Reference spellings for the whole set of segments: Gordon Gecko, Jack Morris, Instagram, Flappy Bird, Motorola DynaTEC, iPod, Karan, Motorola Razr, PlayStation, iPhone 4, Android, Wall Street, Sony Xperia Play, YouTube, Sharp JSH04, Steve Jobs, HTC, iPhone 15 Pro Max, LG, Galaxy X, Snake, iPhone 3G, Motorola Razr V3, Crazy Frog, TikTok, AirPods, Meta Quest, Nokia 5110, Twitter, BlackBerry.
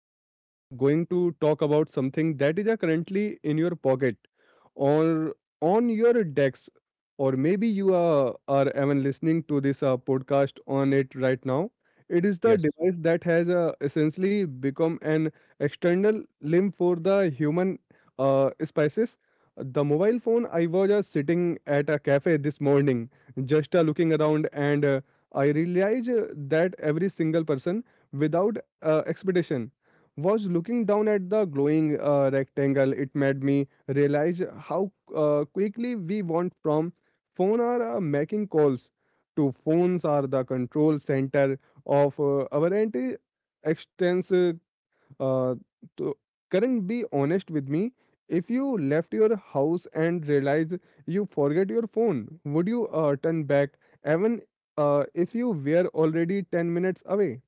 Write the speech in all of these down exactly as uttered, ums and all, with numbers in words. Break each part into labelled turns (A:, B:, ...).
A: Karan, we are uh, going to talk about something that is uh, currently in your pocket or on your desk, or maybe you uh, are even listening to this uh, podcast on it right now. It is the
B: Yes.
A: device that has uh, essentially become an external limb for the human uh, species. The mobile phone. I was uh, sitting at a cafe this morning, just uh, looking around, and uh, I realized uh, that every single person without uh, expectation was looking down at the glowing uh, rectangle. It made me realize how uh, quickly we want from phone are uh, making calls to phones are the control center of uh, our entire extents uh, uh, to current. Be honest with me, if you left your house and realized you forget your phone, would you uh, turn back even uh, if you were already ten minutes away?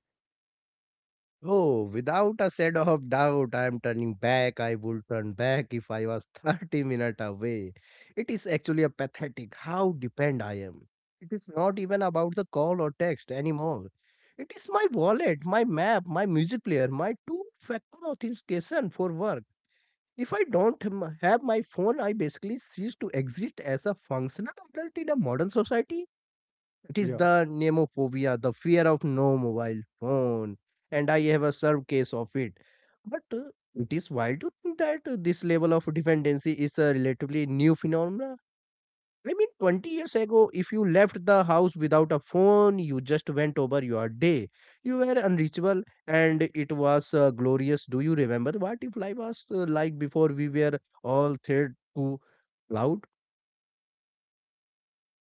B: Oh, without a shadow of doubt, I am turning back. I would turn back if I was thirty minutes away. It is actually a pathetic how dependent I am. It is not even about the call or text anymore. It is my wallet, my map, my music player, my two factor authentication for work. If I don't m- have my phone, I basically cease to exist as a functional adult in a modern society. It is
A: Yeah.
B: the nemophobia, the fear of no mobile phone, and I have a served case of it. But uh, It is wild to think that uh, this level of dependency is a relatively new phenomenon. I mean, twenty years ago, if you left the house without a phone, you just went over your day. You were unreachable, and it was uh, glorious. Do you remember what if life was uh, like before we were all thread to cloud?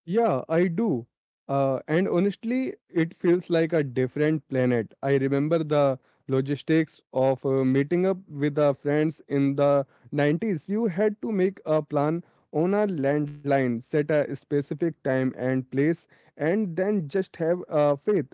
A: Yeah, I do. Uh, and honestly, it feels like a different planet. I remember the logistics of uh, meeting up with the friends in the nineties. You had to make a plan on a landline, set a specific time and place, and then just have uh, faith.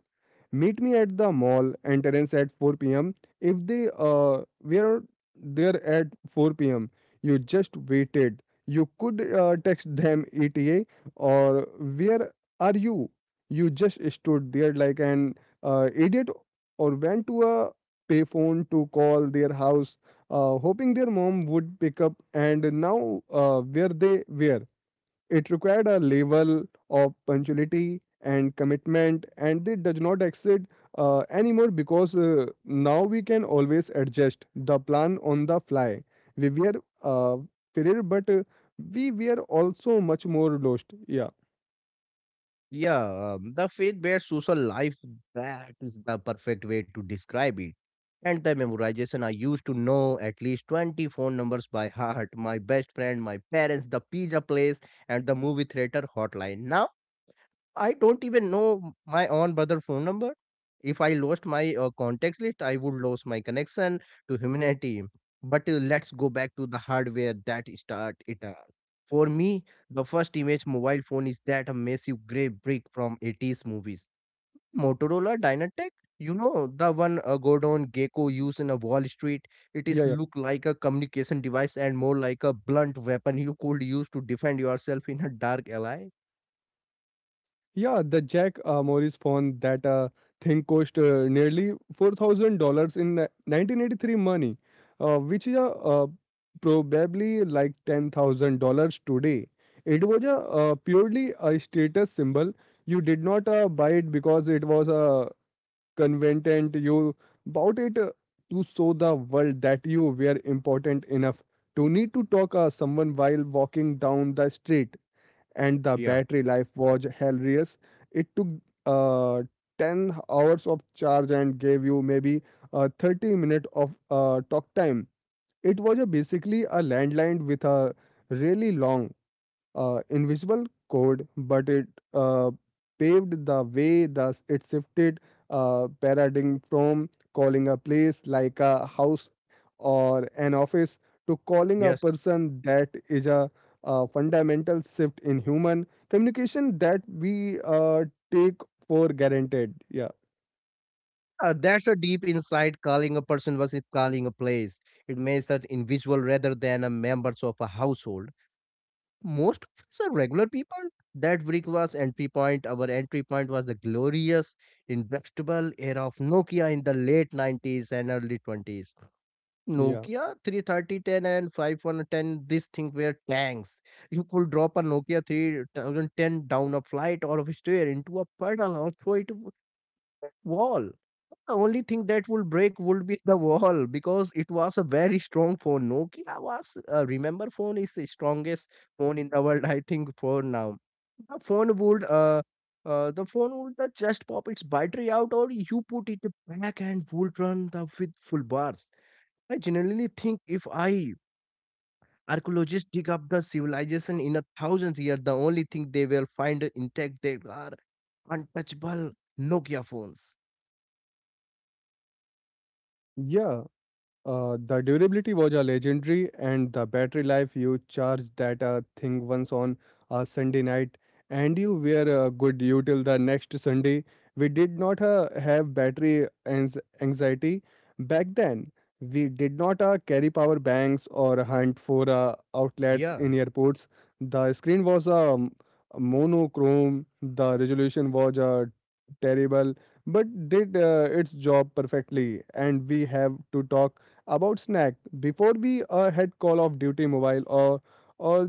A: Meet me at the mall entrance at four p m. If they uh, were there at four p m, you just waited. You could uh, text them E T A or where are you? You just stood there like an uh, idiot, or went to a payphone to call their house, uh, hoping their mom would pick up. And now, uh, where they were. It required a level of punctuality and commitment, and it does not exceed uh, anymore, because uh, now we can always adjust the plan on the fly. We were uh, failure, but uh, we were also much more lost. Yeah,
B: Yeah, um, the faith-based social life, that is the perfect way to describe it. And the memorization, I used to know at least twenty phone numbers by heart, my best friend, my parents, the pizza place, and the movie theater hotline. Now I don't even know my own brother phone number. If I lost my uh, contact list, I would lose my connection to humanity. But uh, Let's go back to the hardware that start it all. For me, the first image mobile phone is that a massive gray brick from eighties movies. Motorola Dynatec, you know, the one uh, Gordon Gecko used in a Wall Street.
A: yeah, yeah.
B: It is look like a communication device and more like a blunt weapon you could use to defend yourself in a dark alley.
A: Yeah, the Jack uh, Morris phone, that uh, thing cost uh, nearly four thousand dollars in uh, nineteen eighty three money, uh, which is uh, uh, probably like ten thousand dollars today. It was a uh, purely a status symbol. You did not uh, buy it because it was a convenient. You bought it uh, to show the world that you were important enough to need to talk uh, someone while walking down the street. And the
B: Yeah.
A: battery life was hilarious. It took uh, ten hours of charge and gave you maybe uh, thirty minutes of uh, talk time. It was a basically a landline with a really long uh, invisible code, but it uh, paved the way. Thus, it shifted uh, paradigm from calling a place like a house or an office to calling a
B: Yes.
A: person. That is a, uh fundamental shift in human communication that we uh, take for granted. Yeah,
B: Uh, that's a deep insight. Calling a person versus calling a place. It makes that individual rather than a members of a household. Most of us are regular people. That brick was entry point. Our entry point was the glorious, indestructible era of Nokia in the late nineties and early twenties.
A: yeah,
B: Nokia thirty-three thousand ten and five one one oh, this thing were tanks. You could drop a Nokia three oh one oh down a flight or a stair into a puddle or throw it wall. The only thing that would break would be the wall because it was a very strong phone. Nokia was, uh, remember, phone is the strongest phone in the world, I think, for now. The phone would, uh, uh, the phone would uh, just pop its battery out, or you put it back and would run the with full bars. I generally think if I archaeologists dig up the civilization in a thousand years, the only thing they will find intact they are untouchable Nokia phones.
A: yeah. Uh, the durability was a legendary, and the battery life, you charge that uh, thing once on a Sunday night, and you were uh, good you till the next Sunday. We did not uh, have battery ans- anxiety back then. We did not uh, carry power banks or hunt for uh, outlets in
B: Yeah.
A: airports. The screen was um, monochrome. The resolution was uh, terrible, but did uh, its job perfectly. And we have to talk about snack before we uh, had call of duty mobile or or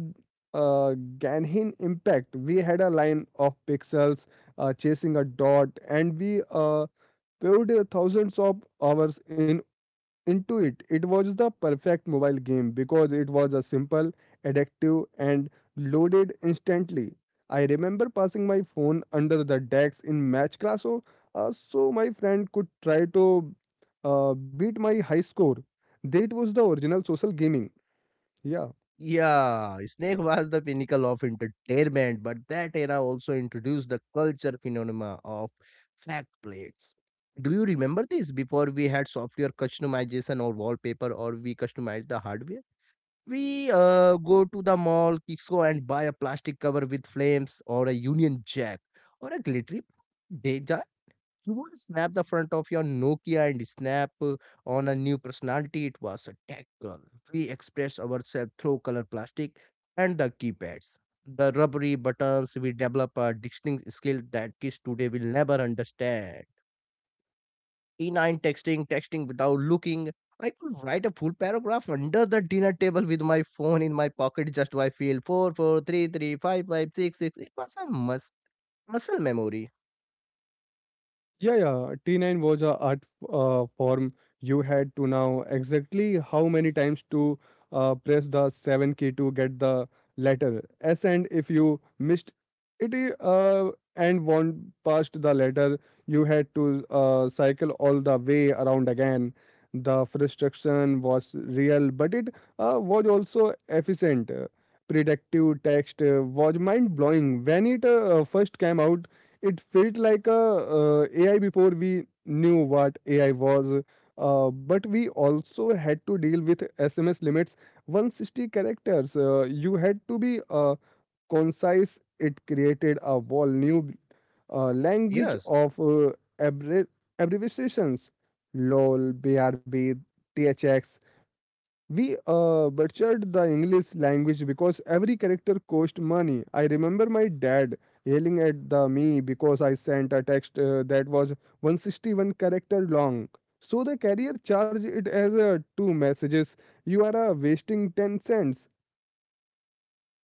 A: uh, ganhin impact. We had a line of pixels uh, chasing a dot, and we uh, paid thousands of hours in into it. It was the perfect mobile game because it was a simple, addictive, and loaded instantly. I remember passing my phone under the desk in match class, so, uh, so my friend could try to uh, beat my high score. That was the original social gaming. Yeah.
B: Yeah, Snake was the pinnacle of entertainment, but that era also introduced the culture phenomena of fact plates. Do you remember this? Before we had software customization or wallpaper, or we customized the hardware. We uh, go to the mall, Kixco, and buy a plastic cover with flames, or a Union Jack, or a glittery. Deja you want to snap the front of your Nokia and snap uh, on a new personality. It was a tackle. We express ourselves through color plastic and the keypads. The rubbery buttons, we develop a distinct skill that kids today will never understand. T nine texting, texting without looking. I could write a full paragraph under the dinner table with my phone in my pocket just by feel four, four, three, three, five, five, six, six. It was a mus- muscle memory.
A: Yeah, yeah. T nine was a art uh, form. You had to know exactly how many times to uh, press the seven key to get the letter S, and if you missed it eh, uh, and went past the letter, you had to uh, cycle all the way around again. The frustration was real, but it uh, was also efficient. Predictive text uh, was mind blowing when it uh, first came out. It felt like a uh, A I before we knew what A I was, uh, but we also had to deal with S M S limits, one hundred sixty characters. Uh, you had to be uh, concise. It created a whole new uh, language
B: Yes.
A: of uh, abbre- abbreviations: LOL, B R B, T H X. We uh, butchered the English language because every character cost money. I remember my dad yelling at the me because I sent a text uh, that was one hundred sixty-one character long. So the carrier charged it as uh, two messages. You are uh, wasting ten cents.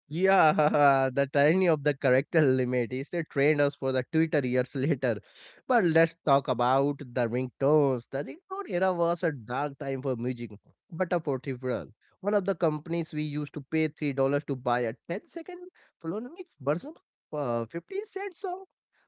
B: Yeah, the tyranny of the character limit is they trained us for the Twitter years later. But let's talk about the ringtones. The ringtone era was a dark time for music, but a portable. One of the companies we used to pay three dollars to buy a ten second phonemic version of a fifty cent song.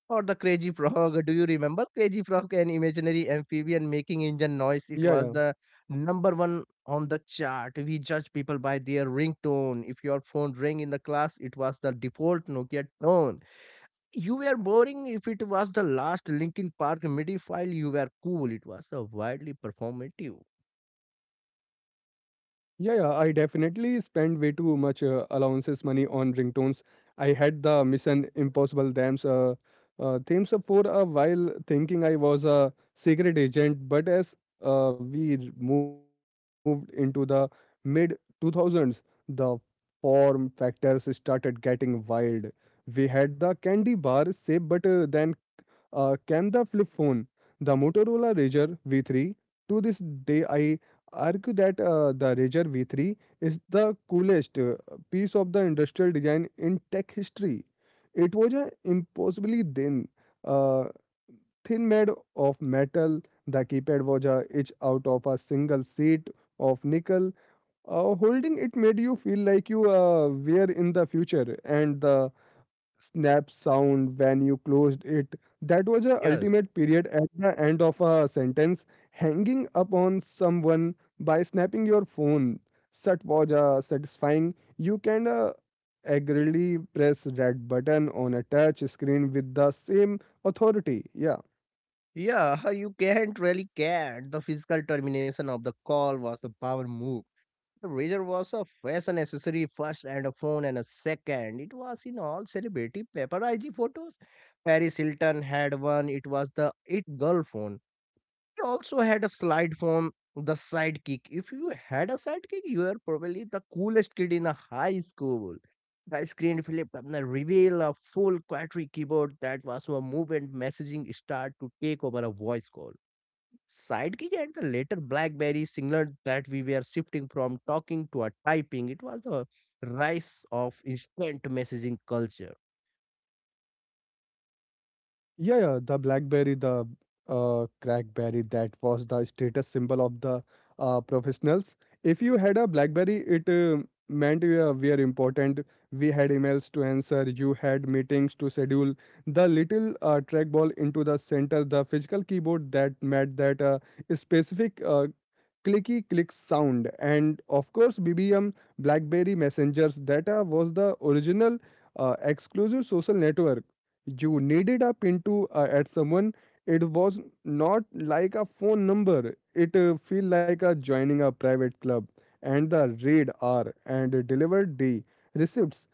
B: Or the Crazy Frog. Do you remember Crazy Frog, an imaginary amphibian making engine noise? It
A: Yeah,
B: was
A: yeah.
B: the number one on the chart. We judge people by their ringtone. If your phone rang in the class, it was the default Nokia tone. You were boring if it was the last Linkin Park M I D I file. You were cool. It was a widely performative.
A: Yeah, yeah, I definitely spent way too much uh, allowances money on ringtones. I had the Mission Impossible themes, uh, uh, themes up for a while, thinking I was a secret agent. But as uh, we r- moved into the mid two thousands, the form factors started getting wild. We had the candy bar shape, but uh, then uh, can the flip phone, the Motorola Razr V three? To this day, I argue that uh, the Razr V three is the coolest uh, piece of the industrial design in tech history. It was a impossibly thin, uh, thin made of metal. The keypad was a each out of a single sheet of nickel. Uh, holding it made you feel like you uh, were in the future, and the snap sound when you closed it. That was a
B: Yes.
A: ultimate period at the end of a sentence. Hanging up on someone by snapping your phone. That was uh, satisfying. You can uh, aggressively press red button on a touch screen with the same authority. Yeah.
B: Yeah, you can't really get the physical termination of the call was the power move. The razor was a fashion accessory first and a phone and a second. It was in all celebrity paparazzi photos. Paris Hilton had one. It was the it girl phone. He also had a slide phone, the sidekick. If you had a sidekick, you were probably the coolest kid in the high school. The screen flipped and the reveal a full quadri keyboard that was a movement messaging start to take over a voice call. Sidekick and the later BlackBerry signaled that we were shifting from talking to a typing. It was the rise of instant messaging culture.
A: Yeah, yeah, the BlackBerry, the uh, crackberry, that was the status symbol of the uh, professionals. If you had a BlackBerry, it uh, meant we were, we are important. We had emails to answer. You had meetings to schedule. The little uh, trackball into the center, the physical keyboard that met that uh, specific uh, clicky click sound, and of course BBM, BlackBerry Messengers data was the original uh, exclusive social network. You needed a pin to uh, add someone. It was not like a phone number. It uh, feel like a joining a private club. And the raid r and delivered d receipts,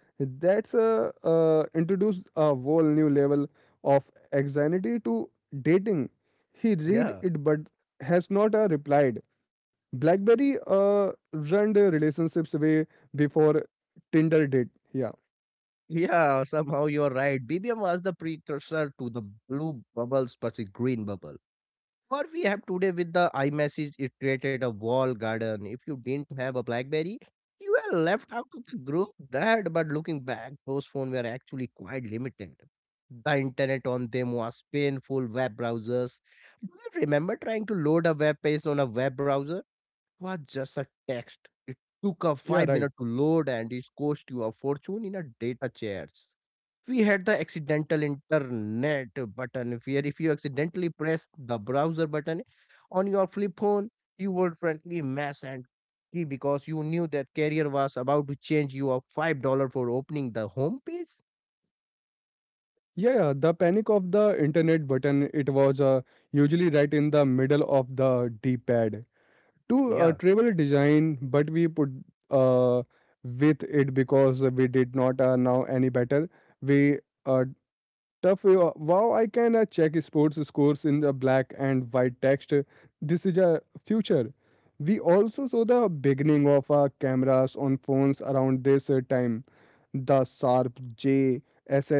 A: that's uh, uh, introduced a whole new level of anxiety to dating. He read
B: Yeah.
A: it, but has not uh, replied. BlackBerry uh, run the relationships way before Tinder did. Yeah,
B: Yeah, somehow you're right. B B M was the precursor to the blue bubbles versus green bubble. Or we have today with the iMessage, it created a wall garden. If you didn't have a BlackBerry, you were left out of the group. That, but looking back, those phones were actually quite limited. The internet on them was painful. Web browsers. Do you remember trying to load a web page on a web browser? Was just a text. It took a
A: yeah,
B: five
A: right.
B: minutes to load and it cost you a fortune in a data charge. We had the accidental internet button where if you accidentally press the browser button on your flip phone, you would frankly mess and key because you knew that carrier was about to change you a five dollar for opening the home page.
A: Yeah, yeah, the panic of the internet button, it was uh, usually right in the middle of the D-pad. To uh,
B: Yeah,
A: travel design, but we put uh, with it because we did not uh, know any better. We uh, Tough. uh, Wow, I can uh, check sports scores in the black and white text. This is a future. We also saw the beginning of uh, cameras on phones around this uh, time. The Sharp J S H oh four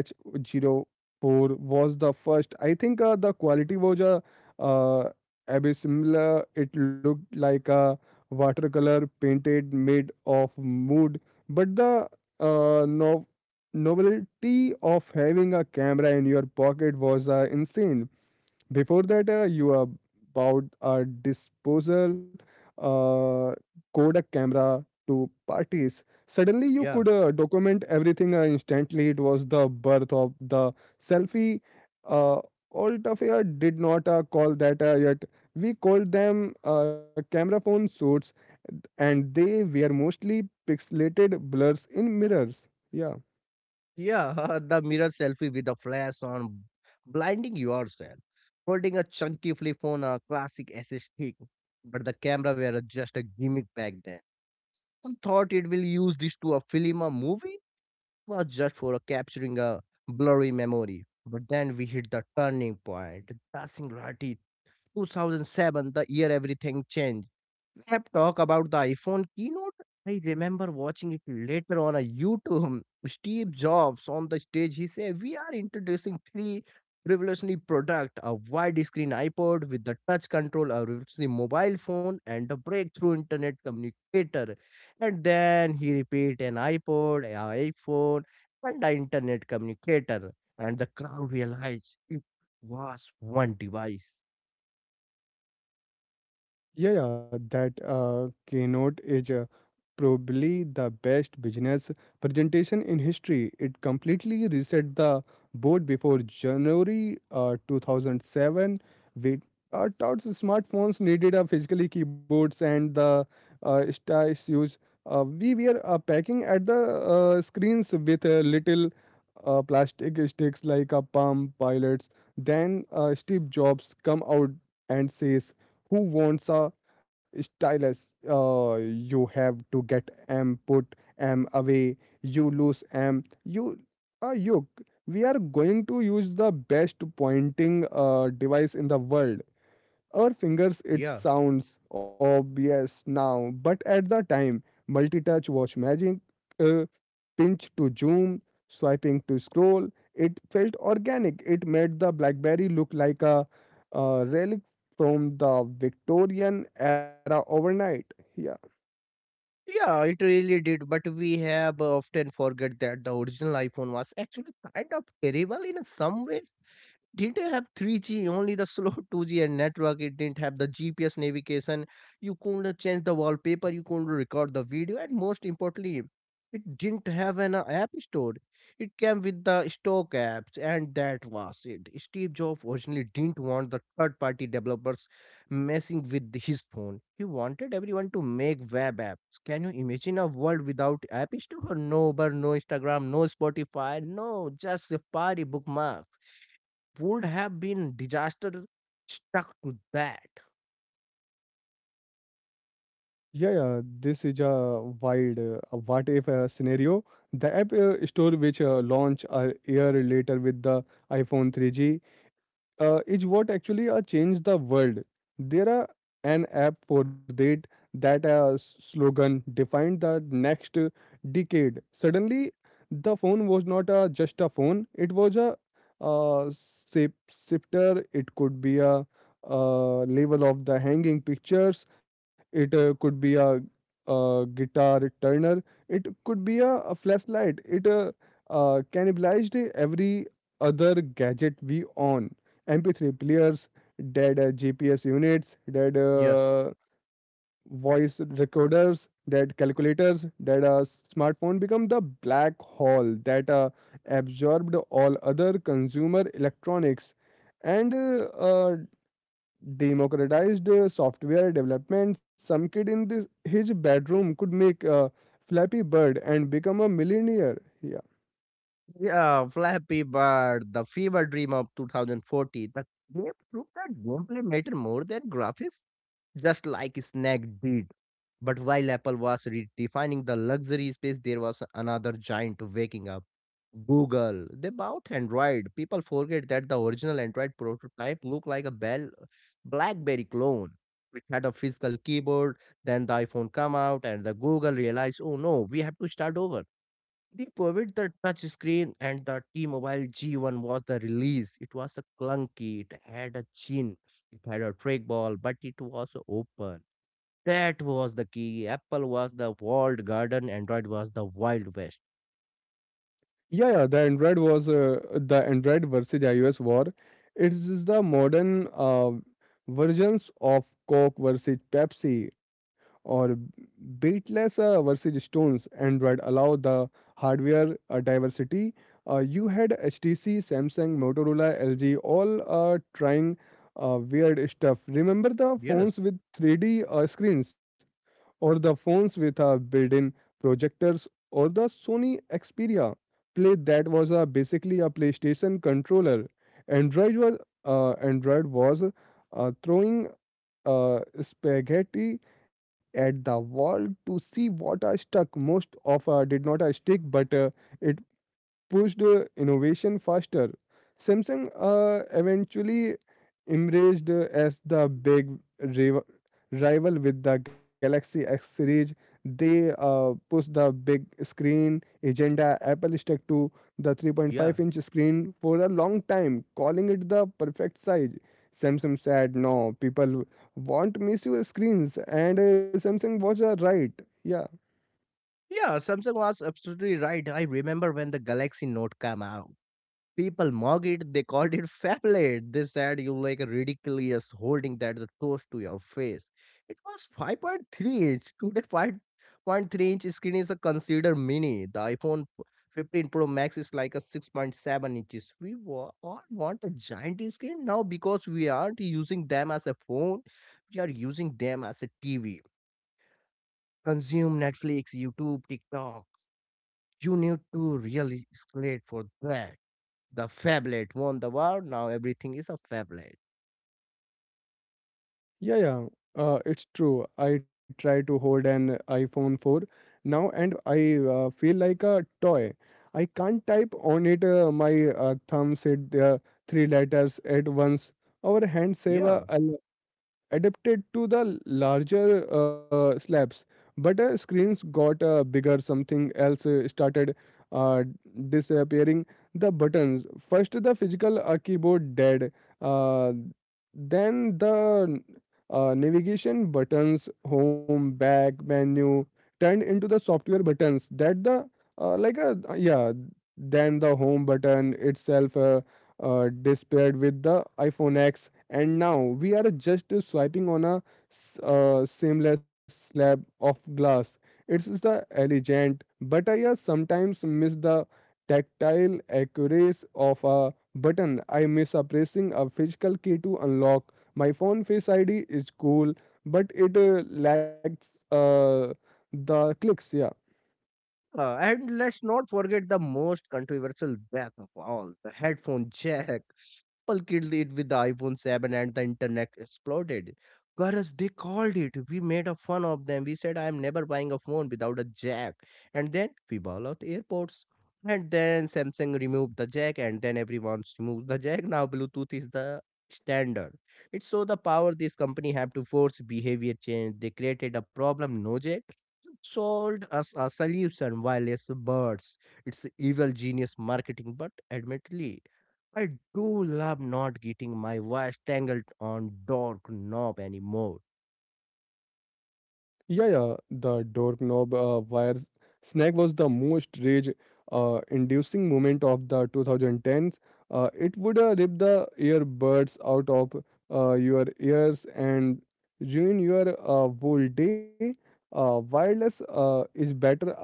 A: was the first. I think uh, the quality was uh, uh, abysmal. It looked like a watercolor painted made of mood, but the uh, no novelty of having a camera in your pocket was uh, insane. Before that, uh, you uh, bought a disposal uh, Kodak camera to parties. Suddenly, you
B: yeah.
A: could uh, document everything uh, instantly. It was the birth of the selfie. Uh, old affair did not uh, call that uh, yet. We called them uh, camera phone suits, and they were mostly pixelated blurs in mirrors. Yeah.
B: Yeah, the mirror selfie with a flash on, blinding yourself. Holding a chunky flip phone, a classic S S T. But the camera were just a gimmick back then. Some thought it will use this to a film or movie, was just for capturing a blurry memory. But then we hit the turning point. The singularity, two thousand seven, the year everything changed. Crap talk about the iPhone keynote. I remember watching it later on a YouTube. Steve Jobs on the stage, he said, "We are introducing three revolutionary product: a widescreen iPod with the touch control, a revolutionary mobile phone, and a breakthrough internet communicator." And then he repeat an iPod, an iPhone, and an internet communicator. And the crowd realized it was one device.
A: Yeah, yeah, that uh, keynote is uh, probably the best business presentation in history. It completely reset the board before January uh, two thousand seven. We uh, thought smartphones needed a physical keyboards and the uh, stylus used. Uh, we were uh, packing at the uh, screens with uh, little uh, plastic sticks like a palm pilots. Then uh, Steve Jobs come out and says, "Who wants a?" Stylus, uh, you have to get M, put M away, you lose M, you uh, you. We are going to use the best pointing uh, device in the world. Our fingers, it
B: Yeah.
A: sounds obvious now, but at the time, multi touch was magic. Uh, pinch to zoom, swiping to scroll. It felt organic. It made the BlackBerry look like a uh relic from the Victorian era overnight. Yeah.
B: Yeah, it really did, but we have often forget that the original iPhone was actually kind of terrible in some ways didn't have three G, only the slow two G and network. It didn't have the G P S navigation. You couldn't change the wallpaper. You couldn't record the video. And most importantly, it didn't have an uh, app store. It came with the stock apps, and that was it. Steve Jobs originally didn't want the third party developers messing with his phone. He wanted everyone to make web apps. Can you imagine a world without app store? No Uber, no Instagram, no Spotify, no just Safari bookmark would have been disaster stuck to that.
A: Yeah, yeah. This is a wild uh, a what if uh, scenario. The App uh, Store, which uh, launched a year later with the iPhone three G, uh, is what actually uh, changed the world. There are an app for that. That uh, s- slogan defined the next uh, decade. Suddenly, the phone was not uh, just a phone; it was a uh, sip shifter. It could be a uh, level of the hanging pictures. It uh, could be a uh guitar turner. It could be a, a flashlight. It uh, uh, cannibalized every other gadget we own: M P three players, dead uh, G P S units, dead
B: Yes.
A: uh, voice recorders, dead calculators, dead. Uh, smartphone become the black hole that uh, absorbed all other consumer electronics and uh, uh, democratized uh, software development. Some kid in this, his bedroom could make a Flappy Bird and become a millionaire.
B: Yeah, Flappy Bird, the fever dream of twenty fourteen. The game proved that gameplay mattered more than graphics. Just like Snack did. But while Apple was redefining the luxury space, there was another giant waking up. Google. They bought Android. People forget that the original Android prototype looked like a Bell BlackBerry clone. It had a physical keyboard. Then the iPhone came out, and the Google realized, oh no, we have to start over. They provide the touch screen and the T-Mobile G one was the release. It was a clunky, it had a chin, it had a trackball, but it was open. That was the key. Apple was the walled garden, Android was the wild west.
A: Yeah, yeah, the Android was uh, the Android versus iOS war. It is the modern uh, versions of Coke versus Pepsi, or beatless uh, versus Stones. Android allowed the hardware uh, diversity. Uh, you had H T C, Samsung, Motorola, L G all uh, trying uh, weird stuff. Remember the
B: Yes,
A: phones with three D uh, screens? Or the phones with our built-in projectors, or the Sony Xperia Play that was a basically a PlayStation controller. Android was uh, Android was uh, throwing uh, spaghetti at the wall to see what are stuck. Most of uh, did not uh, stick, but uh, it pushed uh, innovation faster. Samsung uh, eventually embraced uh, as the big riv- rival with the Galaxy X series, they uh, push the big screen agenda. Apple stuck to the 3.5
B: yeah.
A: inch screen for a long time, calling it the perfect size. Samsung said, "No, people want massive screens," and uh, Samsung was uh, right. Yeah.
B: Yeah, Samsung was absolutely right. I remember when the Galaxy Note came out. People mocked it. They called it phablet. They said you like a ridiculous holding that the close to your face. It was five point three inch. Today, five point three inch screen is a considered mini. The iPhone fifteen Pro Max is like a six point seven inches. We wa- all want a giant screen now because we aren't using them as a phone. We are using them as a T V. Consume Netflix, YouTube, TikTok. You need to really escalate for that the Fablet won the war. Now everything is a Fablet.
A: Yeah, yeah, uh, it's true. I try to hold an iPhone four now and I uh, feel like a toy. I can't type on it, uh, my uh, thumbs hit the three letters at once. Our hands save
B: Yeah.
A: uh, a, adapted to the larger uh, slabs. But uh, screens got uh, bigger, something else uh, started uh, disappearing. The buttons first, the physical uh, keyboard, dead. uh, then the uh, navigation buttons, home, back, menu, turned into the software buttons that the uh, like a, yeah. Then the home button itself uh, uh, disappeared with the iPhone X, and now we are just swiping on a s- uh, seamless slab of glass. It's the elegant, but I uh, sometimes miss the tactile accuracy of a button. I miss uh, pressing a physical key to unlock my phone. Face I D is cool, but it uh, lacks uh, the clicks. Yeah.
B: Uh, and let's not forget the most controversial death of all the headphone jack. Apple killed it with the iPhone seven and the internet exploded. Girls, they called it. We made a fun of them. We said, I am never buying a phone without a jack. And then we bought out AirPods. And then Samsung removed the jack, and then everyone's removed the jack. Now Bluetooth is the standard. It's so the power this company have to force behavior change. They created a problem, no jack, sold us a solution, wireless birds. It's evil genius marketing, but admittedly I do love not getting my voice tangled on dark knob anymore.
A: Yeah, yeah, the doorknob uh, wire snag was the most rage uh, inducing moment of the twenty tens. Uh, it would uh, rip the earbuds out of uh, your ears and ruin your uh, whole day. Uh, wireless uh, is better, I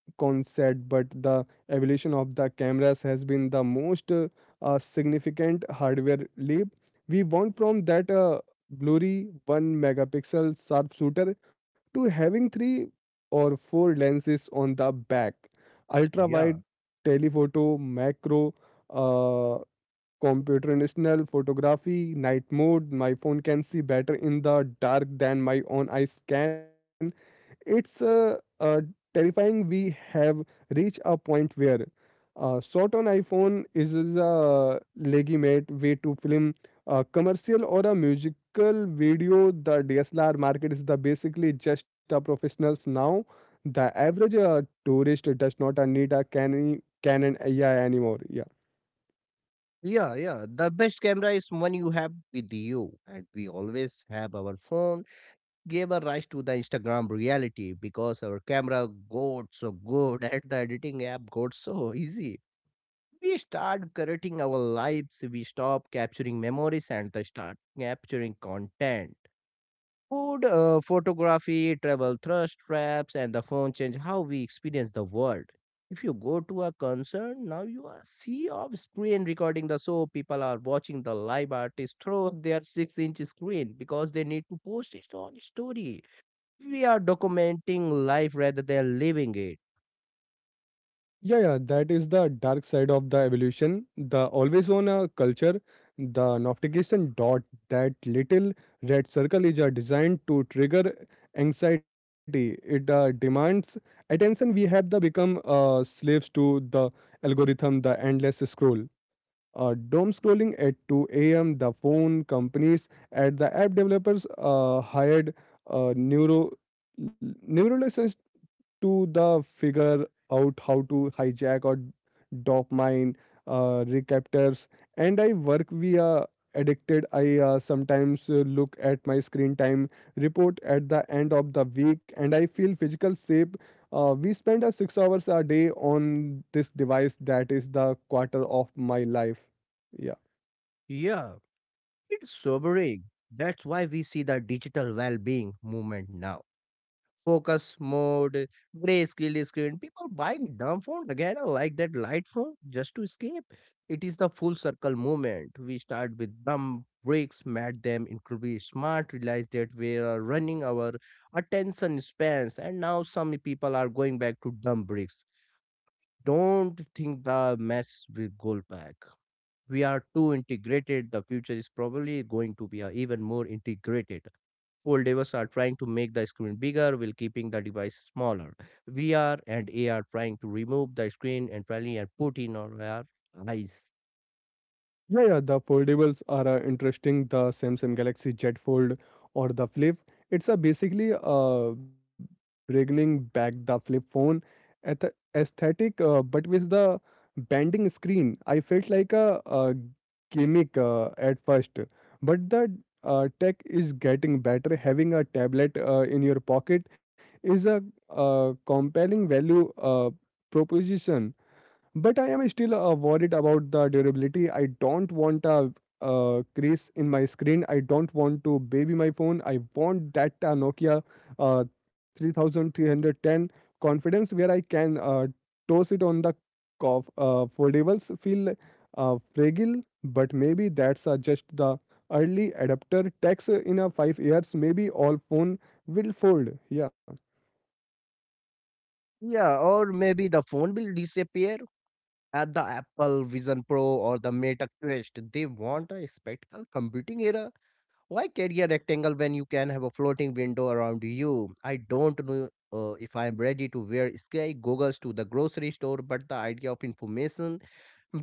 A: concept, but the evolution of the cameras has been the most uh, uh, significant hardware leap. We went from that uh, blurry one megapixel sharpshooter to having three or four lenses on the back: ultra
B: Yeah,
A: wide, telephoto, macro, uh, computational photography, night mode. My phone can see better in the dark than my own eyes can. It's uh, uh, terrifying. We have reached a point where uh, shot on iPhone is a legitimate way to film a commercial or a musical video. The D S L R market is the basically just a professionals now. The average uh, tourist does not uh, need a Canon Canon A I anymore. Yeah.
B: yeah, yeah. The best camera is one you have with you, and we always have our phone. Gave a rise to the Instagram reality because our camera got so good at the editing app got so easy. We start curating our lives. We stop capturing memories and the start capturing content. Food, uh, photography, travel thrust traps, and the phone change how we experience the world. If you go to a concert, now you are sea of screen recording the show. People are watching the live artist through their six inch screen because they need to post it on story. We are documenting life rather than living it.
A: Yeah, yeah, that is the dark side of the evolution. The always on a culture, the notification dot, that little red circle is uh, designed to trigger anxiety. It uh, demands attention. We have the become uh, slaves to the algorithm, the endless scroll, uh, doom scrolling at two a m. The phone companies at the app developers uh, hired uh, neuro neuroscientists to the figure out how to hijack or dopamine uh, recaptors. And I work via addicted. I uh, sometimes uh, look at my screen time report at the end of the week, and I feel physical shape. Uh, we spend uh, six hours a day on this device. That is the quarter of my life. Yeah.
B: Yeah, it's sobering. That's why we see the digital well being movement now focus mode, grayscale screen. People buying dumb phone again I like that light phone just to escape. It is the full circle movement. We start with dumb breaks, mad them incredibly smart, realize that we are running our attention spans, and now some people are going back to dumb breaks. Don't think the mess will go back. We are too integrated. The future is probably going to be uh, even more integrated. Old devs are trying to make the screen bigger while keeping the device smaller. V R and A R trying to remove the screen entirely and put in our our eyes.
A: Yeah, yeah, the foldables are uh, interesting. The Samsung Galaxy Z Fold or the Flip. It's a basically uh, bringing back the flip phone at aesthetic, uh, but with the bending screen. I felt like a, uh gimmick uh, at first, but the uh, tech is getting better. Having a tablet uh, in your pocket is a uh, compelling value uh, proposition. But I am still uh, worried about the durability. I don't want a uh, crease in my screen. I don't want to baby my phone. I want that uh, Nokia uh, three thousand three hundred ten confidence where I can uh, toss it on the cof- uh, foldables, feel uh, fragile, but maybe that's uh, just the early adapter tax. In a five years, maybe all phone will fold. Yeah.
B: Yeah, or maybe the phone will disappear at the Apple Vision Pro or the Meta Quest. They want a spectacle computing era. Why carry a rectangle when you can have a floating window around you? I don't know uh, if I am ready to wear sky goggles to the grocery store, but the idea of information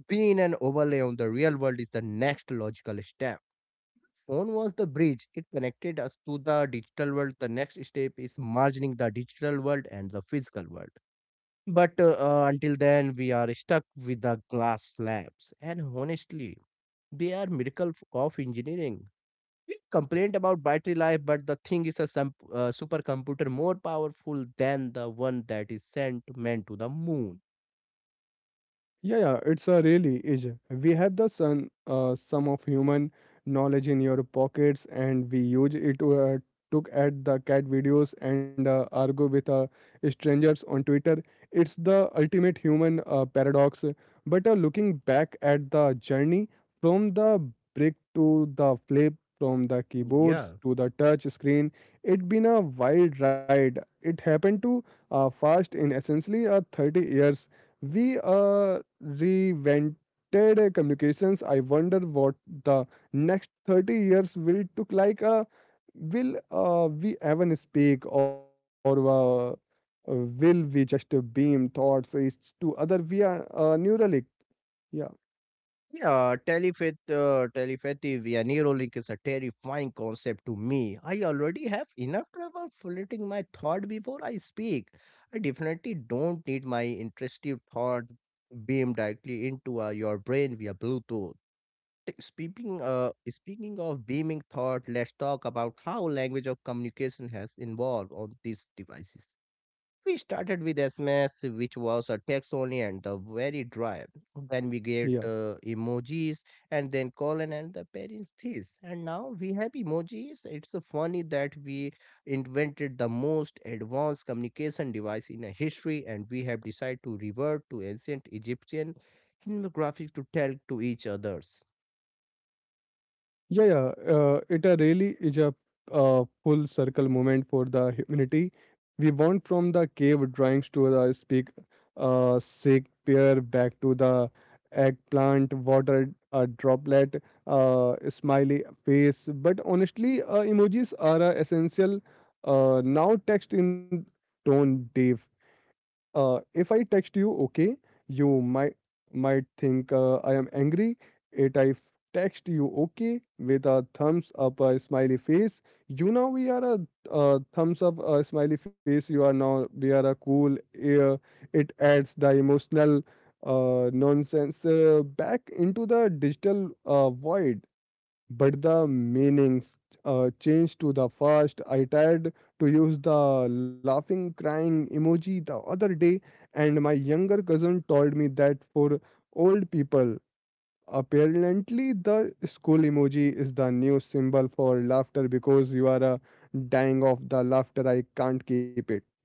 B: being an overlay on the real world is the next logical step. Phone was the bridge. It connected us to the digital world. The next step is merging the digital world and the physical world. But uh, uh, until then, we are stuck with the glass slabs. And honestly, they are miracle f- of engineering. We complained about battery life, but the thing is a sum- uh, supercomputer more powerful than the one that is sent meant to the moon.
A: Yeah, yeah, it's a really is. We have the sun, uh, sum of human knowledge in your pockets, and we use it to uh, look at the cat videos and uh, argue with uh, strangers on Twitter. It's the ultimate human uh, paradox. But uh, looking back at the journey, from the brick to the flip, from the keyboards
B: Yeah.
A: to the touch screen, it's been a wild ride. It happened to uh, fast. In essentially uh, thirty years we uh, revented uh, communications. I wonder what the next thirty years will look like. Uh, will uh, we even speak, or uh, will we just uh, beam thoughts is to other via uh, Neuralink? Yeah,
B: Yeah, telepath, uh, telepathy via Neuralink is a terrifying concept to me. I already have enough trouble filtering my thought before I speak. I definitely don't need my intrusive thought beamed directly into uh, your brain via Bluetooth. T- Speaking, uh, speaking of beaming thought, let's talk about how language of communication has evolved on these devices. We started with S M S, which was a text only and the very dry. Then we get
A: yeah.
B: uh, emojis and then colon and the parents this. And now we have emojis. It's uh, funny that we invented the most advanced communication device in uh, history, and we have decided to revert to ancient Egyptian hieroglyphics to tell to each others.
A: Yeah, yeah. Uh, it uh, really is a uh, full circle moment for the humanity. We want from the cave drawings to the speak, uh, Shakespeare, back to the eggplant, water uh, droplet, uh, smiley face. But honestly, uh, emojis are uh, essential uh, now. Text in tone deaf. Uh, if I text you, okay, you might might think uh, I am angry. If I f- text you, okay, with a thumbs up, a smiley face, you know we are a uh, thumbs up, a smiley face. You are now we are a cool. Uh, it adds the emotional uh, nonsense uh, back into the digital uh, void, but the meanings uh, changed to the first. I tried to use the laughing crying emoji the other day, and my younger cousin told me that for old people, apparently the school emoji is the new symbol for laughter because you are uh, dying of the laughter. I can't keep it. Yeah.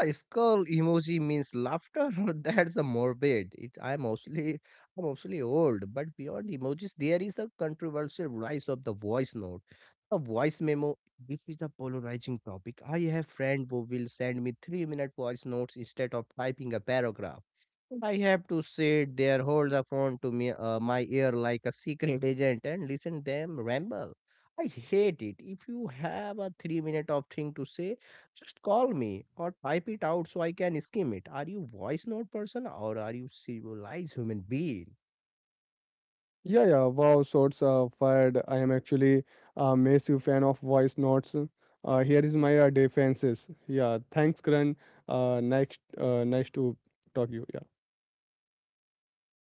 B: A skull emoji means laughter. That's a morbid. It, I'm mostly I'm mostly old, but beyond emojis, there is a controversial rise of the voice note, a voice memo. This is a polarizing topic. I have friend who will send me three-minute voice notes instead of typing a paragraph. And I have to sit there, hold the phone to me, uh, my ear like a secret agent, and listen them ramble. I hate it. If you have a three minute of thing to say, just call me or type it out so I can skim it. Are you voice note person or are you civilized human being?
A: Yeah, yeah. Wow, shots uh, fired. I am actually a massive fan of voice notes. Uh, here is my uh, defenses. Yeah, thanks, Karan. Uh, next, uh, nice to talk you. Yeah.